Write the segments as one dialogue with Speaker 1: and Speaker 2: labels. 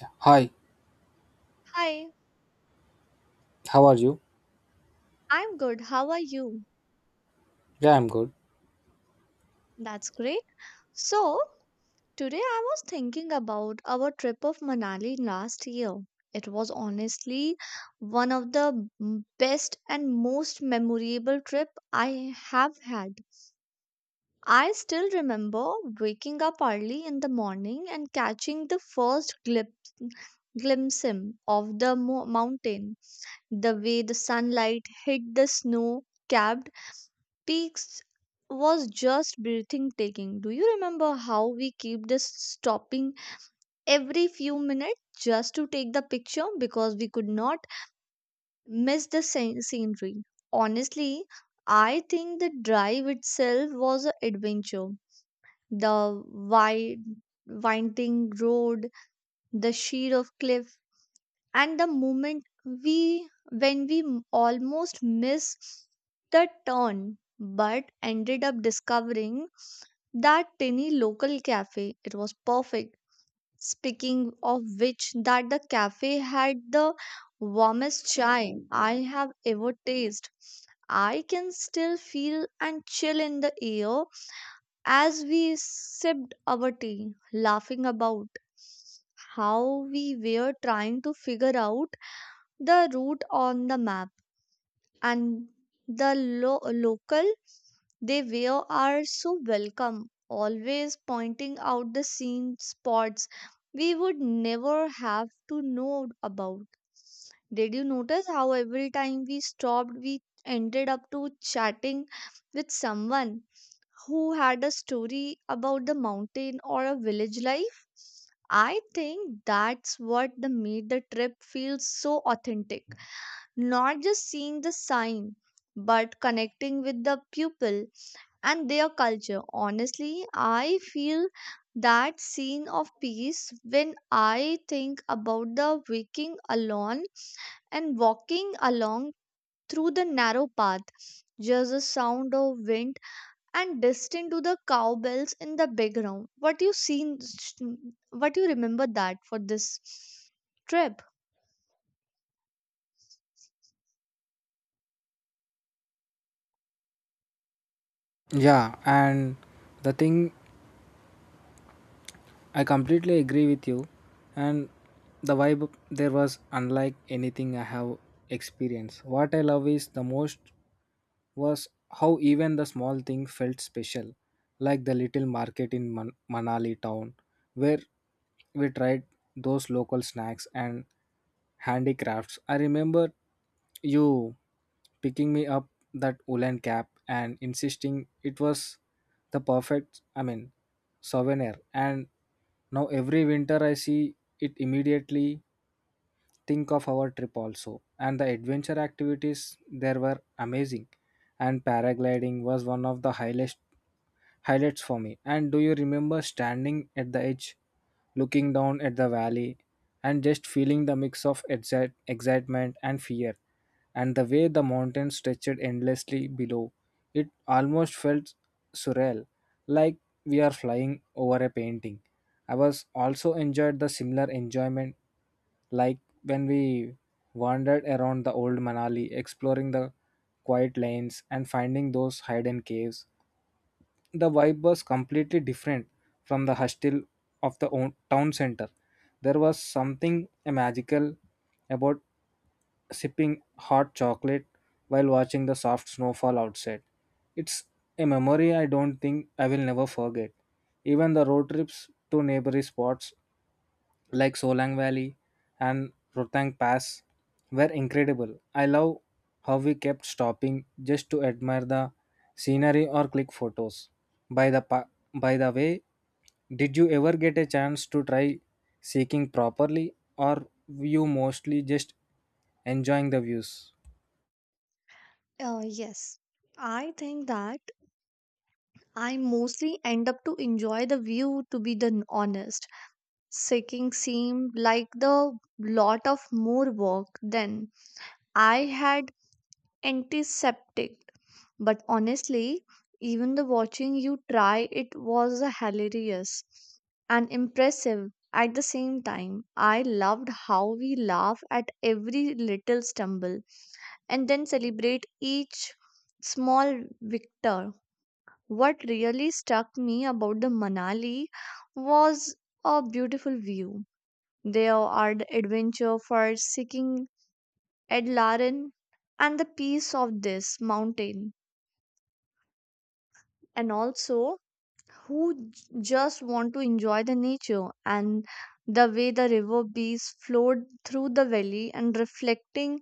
Speaker 1: Yeah. Hi,
Speaker 2: Hi,
Speaker 1: how are you?
Speaker 2: I'm good. How are you?
Speaker 1: Yeah, I'm good.
Speaker 2: That's great. So, today I was thinking about our trip of Manali last year. It was honestly one of the best and most memorable trip I have had. I still remember waking up early in the morning and catching the first glimpse of the mountain, the way the sunlight hit the snow capped peaks was just breathtaking. Do you remember how we keep this stopping every few minutes just to take the picture because we could not miss the scenery? Honestly, I think the drive itself was an adventure. The wide, winding road, the sheet of cliff, and the moment we when we m- almost missed the turn but ended up discovering that tiny local cafe. It was perfect. Speaking of which, that the cafe had the warmest chai I have ever tasted. I can still feel and chill in the air as we sipped our tea, laughing about how we were trying to figure out the route on the map, and the local, they were are so welcome, always pointing out the scene spots we would never have to know about. Did you notice how every time we stopped, we ended up to chatting with someone who had a story about the mountain or a village life? I think that's what the made the trip feel so authentic. Not just seeing the sign, but connecting with the people and their culture. Honestly, I feel that scene of peace when I think about the waking alone and walking along through the narrow path. Just the sound of wind and distant to the cowbells in the background. What you seen? What you remember that for this trip?
Speaker 1: Yeah, and the thing I completely agree with you, and the vibe there was unlike anything I have experienced. What I love is the most was how even the small thing felt special, like the little market in Manali town where we tried those local snacks and handicrafts. I remember you picking me up that woolen cap and insisting it was the perfect, I mean, souvenir. And now every winter I see it, immediately think of our trip. Also, and the adventure activities there were amazing, and paragliding was one of the highlights for me. And do you remember standing at the edge, looking down at the valley and just feeling the mix of excitement and fear? And the way the mountains stretched endlessly below, it almost felt surreal, like we are flying over a painting. I was also enjoyed the similar enjoyment, like when we wandered around the old Manali, exploring the quiet lanes and finding those hidden caves. The vibe was completely different from the hostel of the town center. There was something magical about sipping hot chocolate while watching the soft snowfall outside. It's a memory I don't think I will never forget. Even the road trips to neighboring spots like Solang Valley and Rotang Pass were incredible. I love how we kept stopping just to admire the scenery or click photos. By the pa- by the way, did you ever get a chance to try seeking properly, or you mostly just enjoying the views?
Speaker 2: Yes. I think that I mostly end up to enjoy the view to be the honest. Seeking seemed like the lot of more work than I had anticipated. But honestly, even the watching you try it was hilarious and impressive at the same time. I loved how we laugh at every little stumble and then celebrate each small victor. What really struck me about the Manali was a beautiful view, there are the adventure for seeking Ed Laren and the peace of this mountain, and also who just want to enjoy the nature and the way the river bees flowed through the valley and reflecting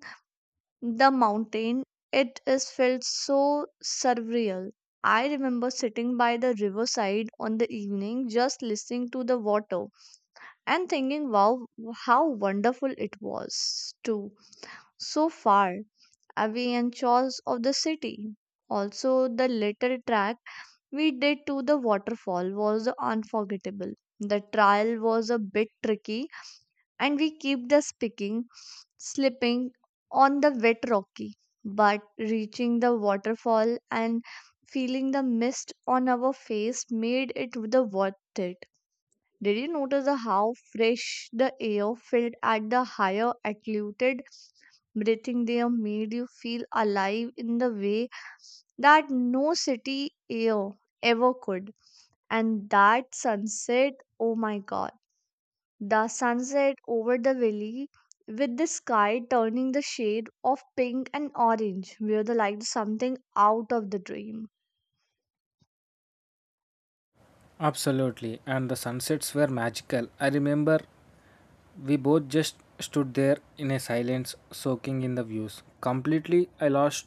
Speaker 2: the mountain. It is felt so surreal. I remember sitting by the riverside on the evening, just listening to the water and thinking, wow, how wonderful it was, too, so far away and chores of the city. Also, the little track we did to the waterfall was unforgettable. The trail was a bit tricky, and we kept the speaking, slipping on the wet rocky. But reaching the waterfall and feeling the mist on our face made it the worth it. Did you notice the how fresh the air felt at the higher altitude? Breathing there made you feel alive in the way that no city air ever could. And that sunset, oh my god, the sunset over the valley with the sky turning the shade of pink and orange, where like something out of the dream.
Speaker 1: Absolutely, and the sunsets were magical. I remember we both just stood there in a silence, soaking in the views. Completely, I lost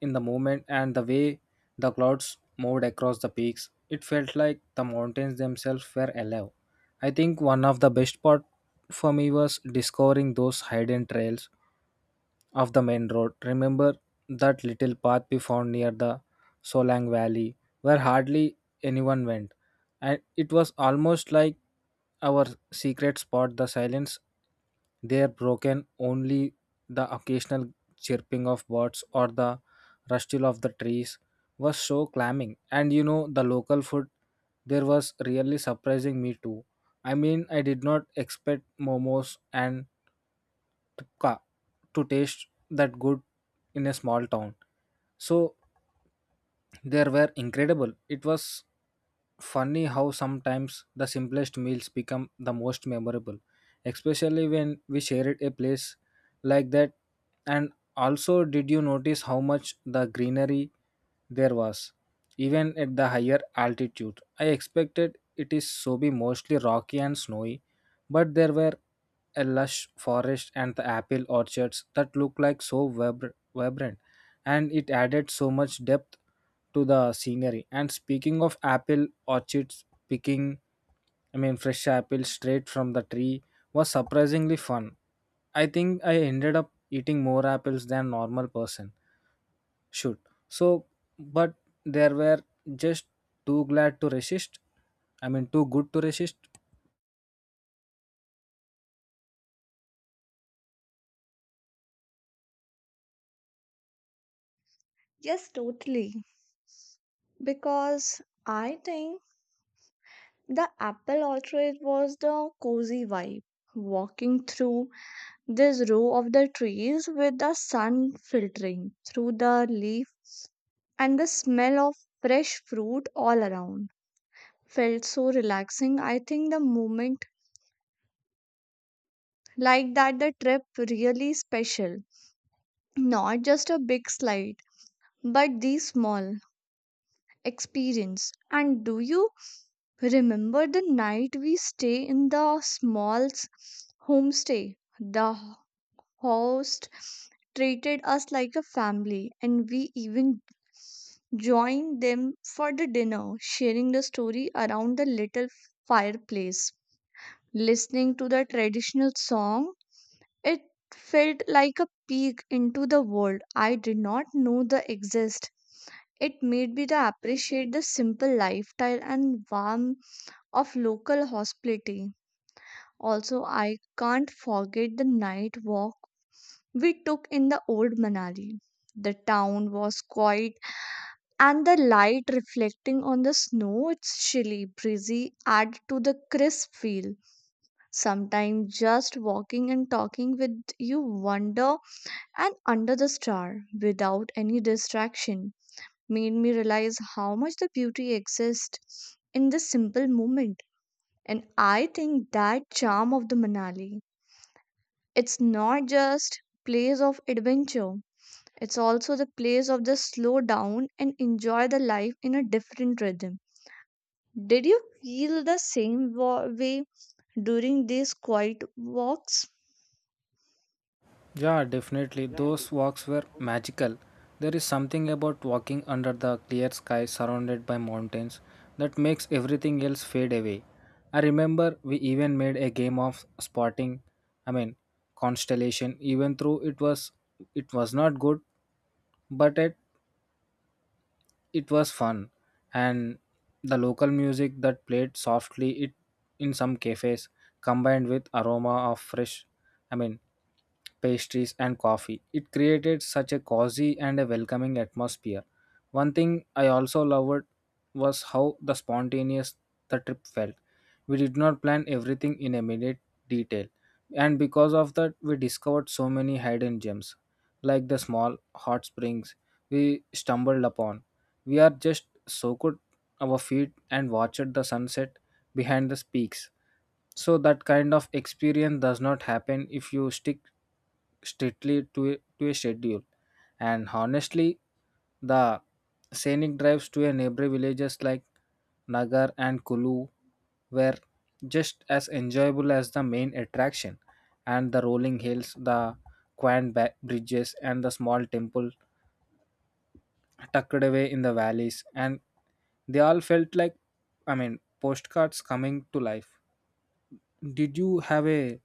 Speaker 1: in the movement, and the way the clouds moved across the peaks, it felt like the mountains themselves were alive. I think one of the best part for me was discovering those hidden trails of the main road. Remember that little path we found near the Solang Valley, where hardly anyone went, and it was almost like our secret spot. The silence there, broken only the occasional chirping of birds or the rustle of the trees, was so clamming. And the local food there was really surprising me too. I mean, I did not expect momos and to, ca- to taste that good in a small town, so they were incredible. It was funny how sometimes the simplest meals become the most memorable, especially when we shared a place like that. And also, did you notice how much the greenery there was, even at the higher altitude? I expected it is so be mostly rocky and snowy, but there were a lush forest and the apple orchards that looked like so vibrant, and it added so much depth to the scenery. And speaking of apple orchards, picking, I mean, fresh apples straight from the tree was surprisingly fun. I think I ended up eating more apples than normal person should. So, but there were just too glad to resist. I mean, too good to resist.
Speaker 2: Yes, totally. Because I think the apple orchard was the cozy vibe. Walking through this row of the trees with the sun filtering through the leaves and the smell of fresh fruit all around felt so relaxing. I think the moment like that the trip really special. Not just a big slide, but the small experience. And do you remember the night we stay in the small homestay? The host treated us like a family, and we even joined them for the dinner, sharing the story around the little fireplace. Listening to the traditional song, it felt like a peek into the world I did not know the exist. It made me to appreciate the simple lifestyle and warmth of local hospitality. Also, I can't forget the night walk we took in the old Manali. The town was quiet, and the light reflecting on the snow, it's chilly, breezy, added to the crisp feel. Sometimes just walking and talking with you wonder and under the star without any distraction made me realize how much the beauty exists in this simple moment. And I think that charm of the Manali. It's not just place of adventure. It's also the place of the slow down and enjoy the life in a different rhythm. Did you feel the same way during these quiet walks?
Speaker 1: Yeah, definitely. Those walks were magical. There is something about walking under the clear sky surrounded by mountains that makes everything else fade away. I remember we even made a game of spotting, I mean, constellation, even though it was not good, but it was fun. And the local music that played softly it in some cafes, combined with aroma of fresh, I mean, pastries and coffee. It created such a cozy and a welcoming atmosphere. One thing I also loved was how the spontaneous the trip felt. We did not plan everything in a minute detail, and because of that, we discovered so many hidden gems, like the small hot springs we stumbled upon. We are just soaked our feet and watched the sunset behind the speaks. So that kind of experience does not happen if you stick strictly to a schedule. And honestly, the scenic drives to a neighboring villages like Nagar and Kulu were just as enjoyable as the main attraction, and the rolling hills, the quaint bridges and the small temple tucked away in the valleys, and they all felt like, I mean, postcards coming to life. Did you have a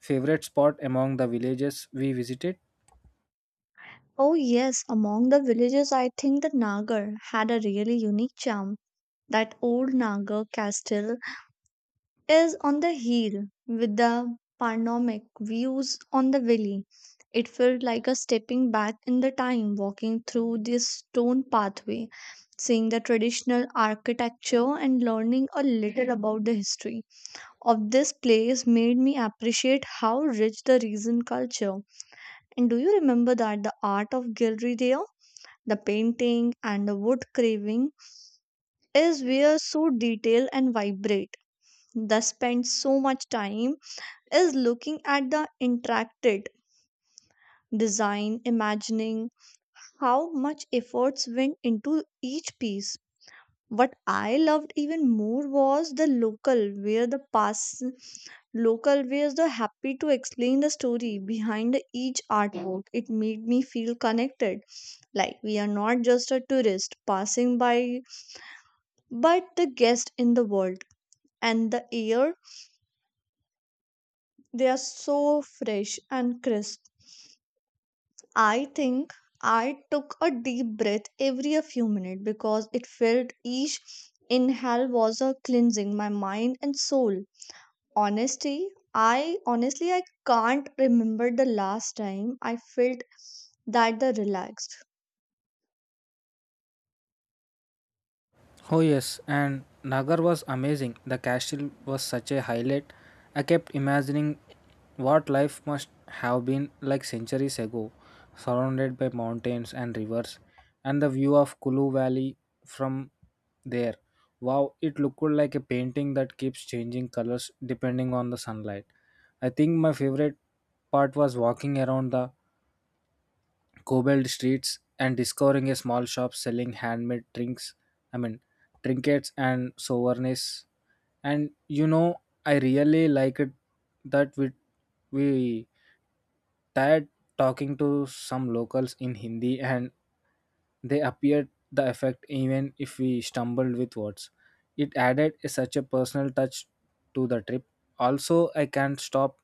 Speaker 1: favorite spot among the villages we visited?
Speaker 2: Oh, yes, among the villages, I think the Nagar had a really unique charm. That old Nagar castle is on the heel with the panoramic views on the valley. It felt like a stepping back in the time, walking through this stone pathway, seeing the traditional architecture and learning a little about the history of this place made me appreciate how rich the region culture. And do you remember that the art of gallery there? The painting and the wood carving is where so detailed and vibrate. They spent so much time is looking at the interacted design, imagining how much efforts went into each piece. What I loved even more was the local, where the pass local where the happy to explain the story behind each artwork. It made me feel connected, like we are not just a tourist passing by, but the guest in the world. And the air, they are so fresh and crisp. I think I took a deep breath every a few minutes because it felt each inhale was a cleansing my mind and soul. Honesty, I honestly I can't remember the last time I felt that the relaxed.
Speaker 1: Oh yes, and Nagar was amazing. The castle was such a highlight. I kept imagining what life must have been like centuries ago, surrounded by mountains and rivers, and the view of Kulu Valley from there. Wow, it looked like a painting that keeps changing colors depending on the sunlight. I think my favorite part was walking around the cobbled streets and discovering a small shop selling handmade drinks, I mean, trinkets and souvenirs. And I really liked that we tired talking to some locals in Hindi, and they appeared the effect even if we stumbled with words. It added such a personal touch to the trip. Also, I can't stop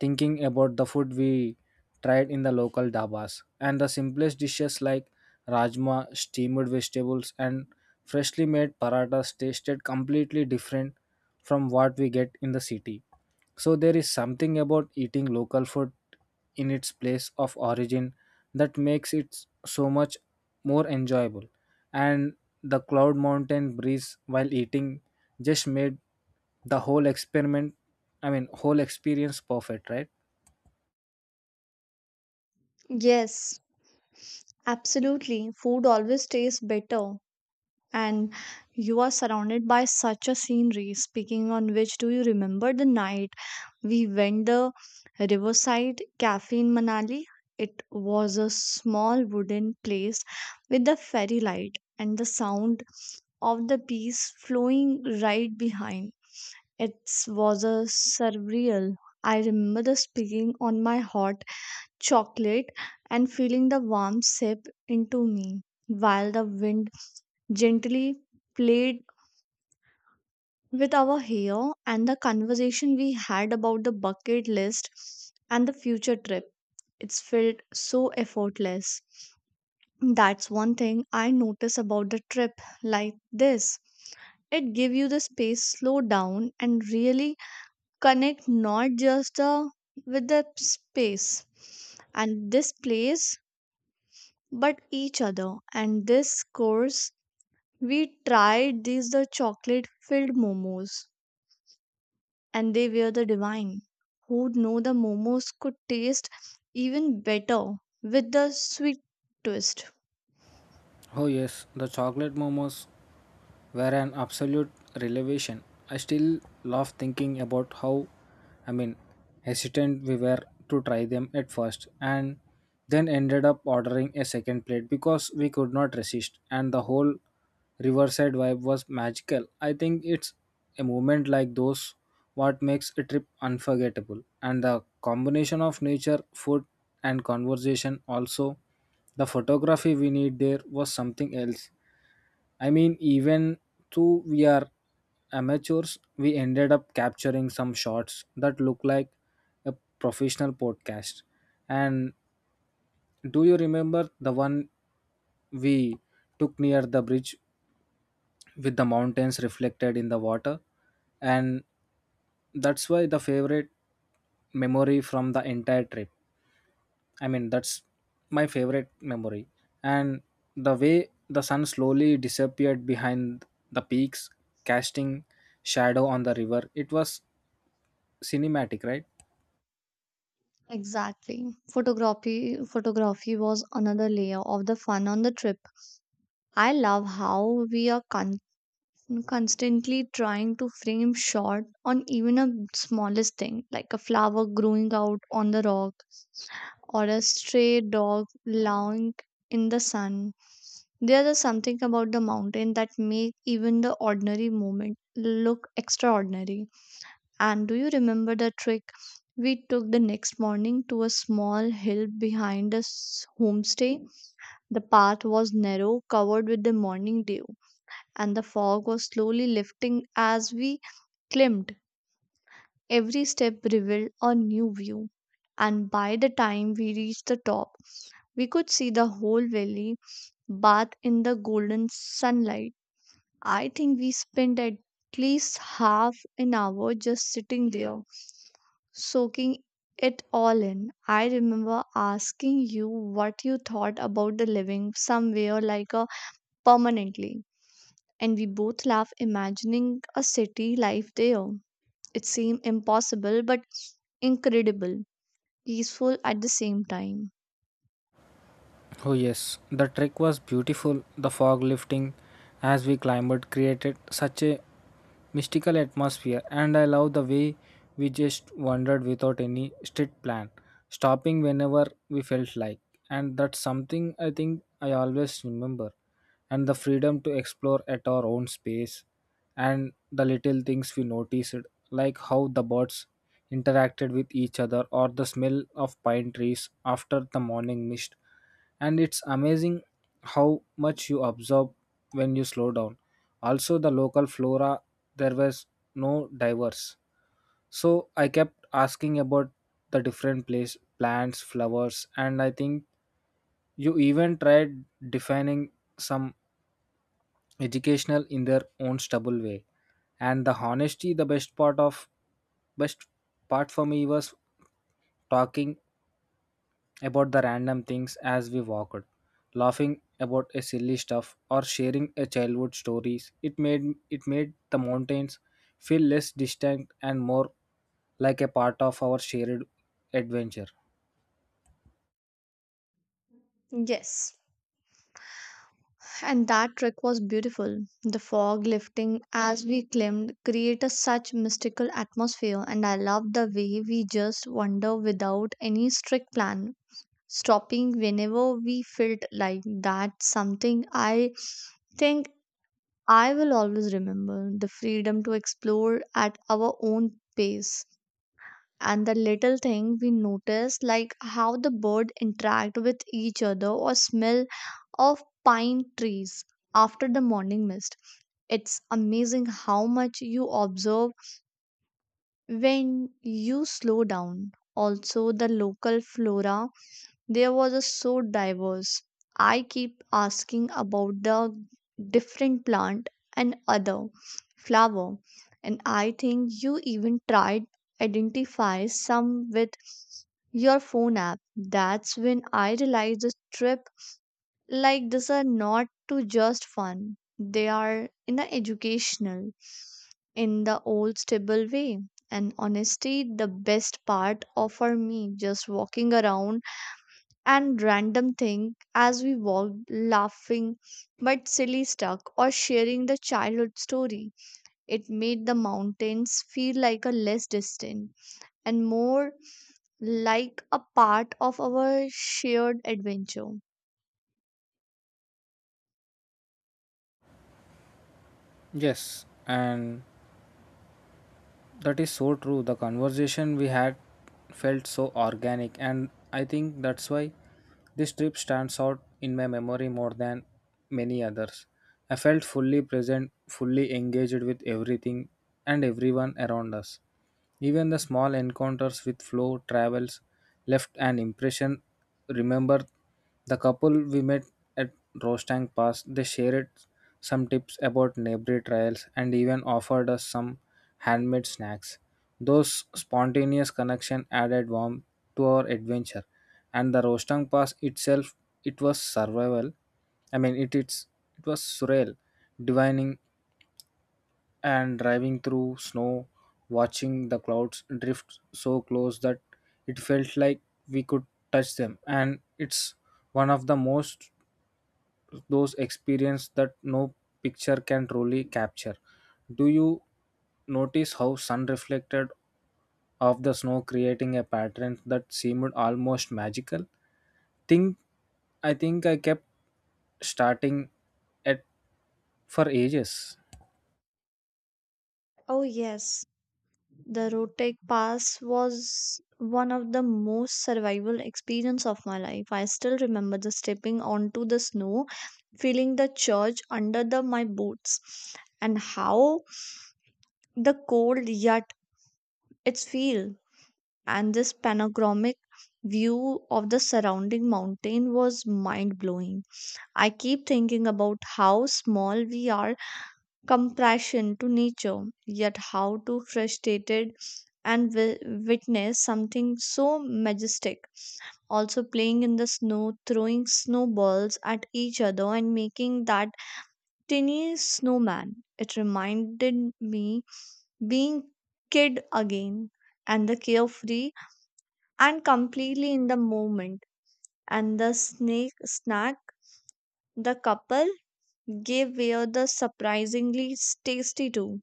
Speaker 1: thinking about the food we tried in the local dabas, and the simplest dishes like rajma, steamed vegetables, and freshly made paratas tasted completely different from what we get in the city. So there is something about eating local food in its place of origin that makes it so much more enjoyable. And the cloud mountain breeze while eating just made the whole experiment, I mean, whole experience perfect, right?
Speaker 2: Yes, absolutely. Food always tastes better and you are surrounded by such a scenery. Speaking on which, do you remember the night? We went the Riverside Cafe in Manali. It was a small wooden place with the fairy light and the sound of the bees flowing right behind. It was a surreal. I remember the speaking on my hot chocolate and feeling the warm sip into me while the wind gently played with our hair and the conversation we had about the bucket list and the future trip. It's felt so effortless. That's one thing I notice about the trip like this. It give you the space, slow down and really connect not just the, with the space and this place but each other, and this course we tried these the chocolate filled momos and they were the divine. Who'd know the momos could taste even better with the sweet twist.
Speaker 1: Oh yes, the chocolate momos were an absolute revelation. I still laugh thinking about how, I mean, hesitant we were to try them at first, and then ended up ordering a second plate because we could not resist. And the whole riverside vibe was magical. I think it's a moment like those what makes a trip unforgettable, and the combination of nature, food and conversation. Also the photography we need there was something else. I mean, even though we are amateurs, we ended up capturing some shots that look like a professional podcast. And do you remember the one we took near the bridge with the mountains reflected in the water? And that's why the favorite memory from the entire trip. I mean, that's my favorite memory. And the way the sun slowly disappeared behind the peaks, casting shadow on the river, it was cinematic, right?
Speaker 2: Exactly. Photography was another layer of the fun on the trip. I love how we are constantly trying to frame shot on even a smallest thing, like a flower growing out on the rock or a stray dog lying in the sun. There is something about the mountain that make even the ordinary moment look extraordinary. And do you remember the trick we took the next morning to a small hill behind us homestay? The path was narrow, covered with the morning dew, and the fog was slowly lifting as we climbed. Every step revealed a new view, and by the time we reached the top, we could see the whole valley bathed in the golden sunlight. I think we spent at least half an hour just sitting there, soaking it all in. I remember asking you what you thought about the living somewhere like a permanently, and we both laughed imagining a city life there. It seemed impossible, but incredible, peaceful at the same time.
Speaker 1: Oh yes, the trek was beautiful. The fog lifting as we climbed created such a mystical atmosphere, and I love the way we just wandered without any strict plan, stopping whenever we felt like. And that's something I think I always remember. And the freedom to explore at our own space, and the little things we noticed, like how the birds interacted with each other or the smell of pine trees after the morning mist. And it's amazing how much you absorb when you slow down. Also, the local flora, there was no diverse. So I kept asking about the different place plants, flowers, and I think you even tried defining some, educational in their own stubble way. And the honesty, the best part for me was talking about the random things as we walked, laughing about a silly stuff or sharing a childhood stories. It made the mountains feel less distant and more like a part of our shared adventure.
Speaker 2: Yes, and that trick was beautiful. The fog lifting as we climbed created such mystical atmosphere, and I loved the way we just wander without any strict plan, stopping whenever we felt like that. Something I think I will always remember the freedom to explore at our own pace, and the little thing we notice like how the bird interact with each other or smell of pine trees after the morning mist. It's amazing how much you observe when you slow down. Also, the local flora there was a so diverse. I keep asking about the different plant and other flower, and I think you even tried identify some with your phone app. That's when I realized the trip like this are not to just fun. They are in the educational, in the old stable way. And honestly, the best part of for me just walking around and random thing as we walked laughing but silly stuck or sharing the childhood story, it made the mountains feel like a less distant and more like a part of our shared adventure.
Speaker 1: Yes, and that is so true. The conversation we had felt so organic, and I think that's why this trip stands out in my memory more than many others. I felt fully present, fully engaged with everything and everyone around us. Even the small encounters with flow travels left an impression. Remember the couple we met at Rostang Pass? They shared some tips about neighbor trails and even offered us some handmade snacks. Those spontaneous connections added warmth to our adventure. And the Rostang Pass itself, it was survival. I mean, it was surreal, divining and driving through snow, watching the clouds drift so close that it felt like we could touch them. And it's one of the most those experiences that no picture can truly capture. Do you notice how sun reflected off the snow, creating a pattern that seemed almost magical? Think think I kept starting at for ages.
Speaker 2: Oh yes, the rotek pass was one of the most survival experience of my life. I still remember the stepping onto the snow, feeling the charge under the my boots, and how the cold yet its feel, and this panoramic view of the surrounding mountain was mind blowing. I keep thinking about how small we are comparison to nature, yet how to frustrated and witness something so majestic. Also playing in the snow, throwing snowballs at each other and making that tiny snowman, it reminded me being kid again and the carefree and completely in the moment. And the snake snack the couple gave were the surprisingly tasty too.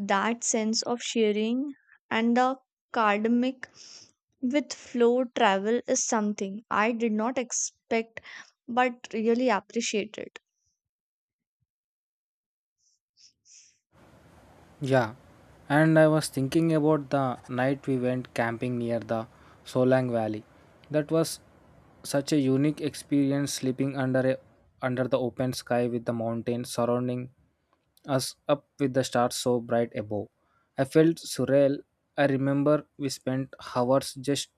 Speaker 2: That sense of sharing and the cardamic with flow travel is something I did not expect but really appreciated.
Speaker 1: Yeah. And I was thinking about the night we went camping near the Solang Valley. That was such a unique experience, sleeping under the open sky with the mountains surrounding us up, with the stars so bright above. I felt surreal. I remember we spent hours just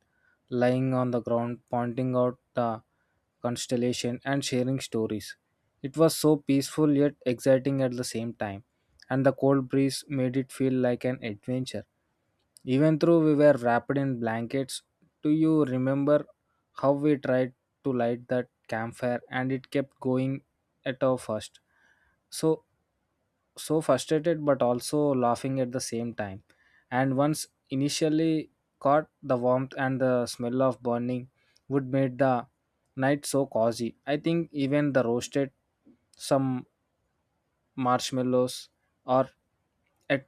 Speaker 1: lying on the ground, pointing out the constellation and sharing stories. It was so peaceful yet exciting at the same time, and the cold breeze made it feel like an adventure. Even though we were wrapped in blankets, do you remember how we tried to light that campfire and it kept going at our first? So so frustrated, but also laughing at the same time. And once initially caught, the warmth and the smell of burning would made the night so cozy. I think even the roasted some marshmallows, or at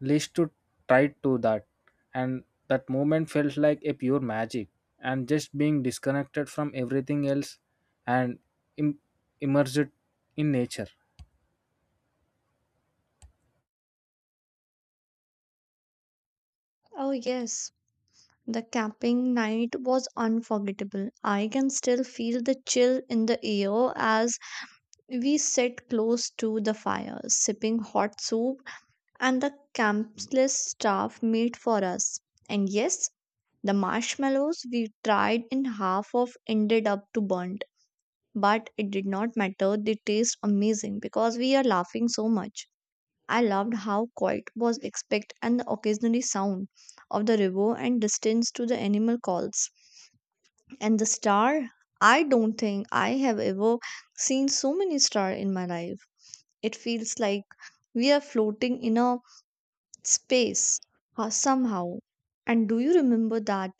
Speaker 1: least to try to that, and that moment felt like a pure magic. And just being disconnected from everything else, and Im- immersed in nature.
Speaker 2: Oh yes, the camping night was unforgettable. I can still feel the chill in the air as we sat close to the fire, sipping hot soup, and the campsite staff made for us. And yes, the marshmallows we tried in half of ended up to burnt, but it did not matter. They taste amazing because we are laughing so much. I loved how quiet was expect and the occasionally sound of the river and distance to the animal calls. And the star, I don't think I have ever seen so many star in my life. It feels like we are floating in a space, somehow. And do you remember that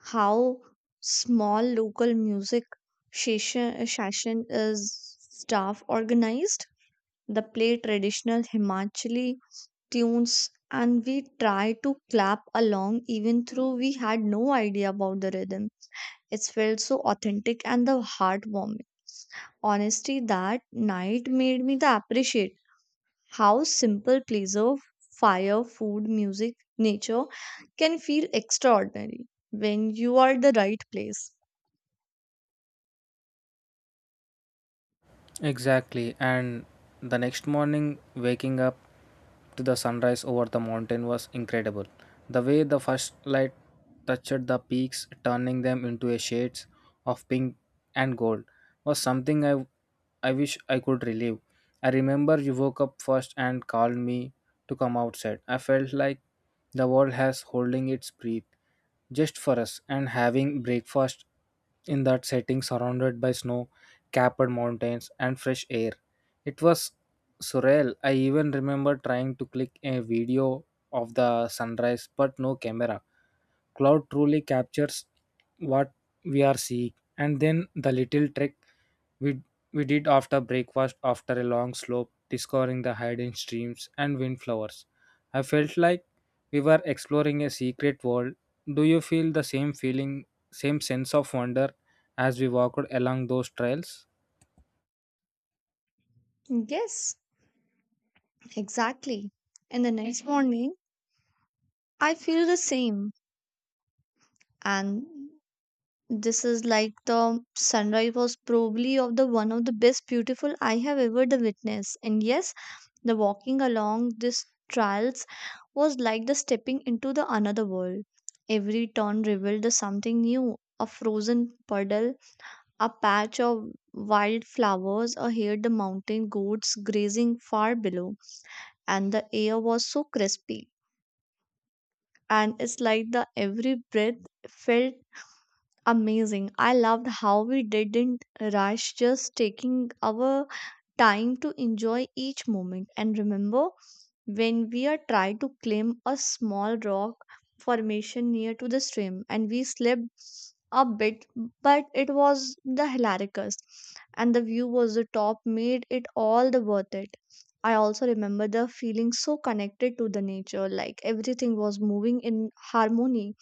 Speaker 2: how small local music session is staff organized? The play traditional Himachali tunes and we try to clap along even though we had no idea about the rhythm. It felt so authentic and the heartwarming. Honestly, that night made me the appreciate how simple pleasure fire, food, music, nature can feel extraordinary when you are the right place.
Speaker 1: Exactly. And the next morning, waking up to the sunrise over the mountain was incredible. The way the first light touched the peaks, turning them into a shades of pink and gold, was something I wish I could relive. I remember you woke up first and called me to come outside. I felt like the world has holding its breath just for us, and having breakfast in that setting surrounded by snow capped mountains, and fresh air. It was surreal. I even remember trying to click a video of the sunrise, but no camera. Cloud truly captures what we are seeing. And then the little trek we, we did after breakfast, after a long slope, discovering the hidden streams and windflowers. I felt like we were exploring a secret world. Do you feel the same feeling, same sense of wonder as we walked along those trails?
Speaker 2: Yes, exactly. And the next morning, I feel the same. And this is like the sunrise was probably of the one of the best beautiful I have ever the witness. And yes, the walking along these trails was like the stepping into the another world. Every turn revealed the something new. A frozen puddle, a patch of wild flowers, or heard the mountain goats grazing far below, and the air was so crispy. And it's like the every breath felt amazing. I loved how we didn't rush, just taking our time to enjoy each moment. And remember, when we are trying to climb a small rock formation near to the stream, and we slipped a bit, but it was the hilaricus, and the view was the top made it all the worth it. I also remember the feeling so connected to the nature, like everything was moving in harmony,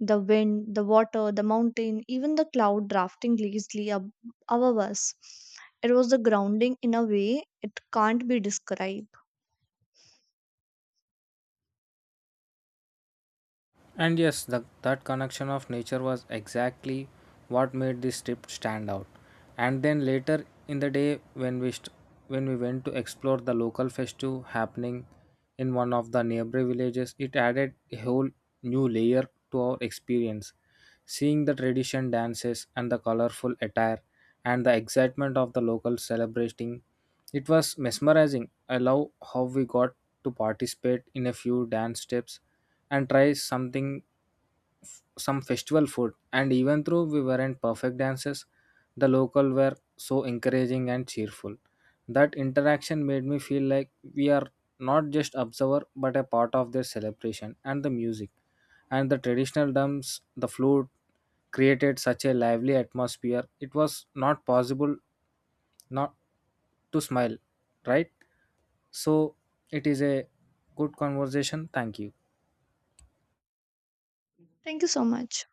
Speaker 2: the wind, the water, the mountain, even the cloud drafting lazily above us. It was the grounding in a way it can't be described.
Speaker 1: And yes, that connection of nature was exactly what made this trip stand out. And then later in the day, when we went to explore the local festival happening in one of the nearby villages, it added a whole new layer to our experience. Seeing the tradition dances and the colorful attire and the excitement of the locals celebrating, it was mesmerizing. I love how we got to participate in a few dance steps and try something, some festival food. And even though we weren't perfect dancers, the local were so encouraging and cheerful. That interaction made me feel like we are not just observer, but a part of their celebration. And the music, and the traditional drums, the flute, created such a lively atmosphere. It was not possible not to smile, right? So it is a good conversation, thank you.
Speaker 2: Thank you so much.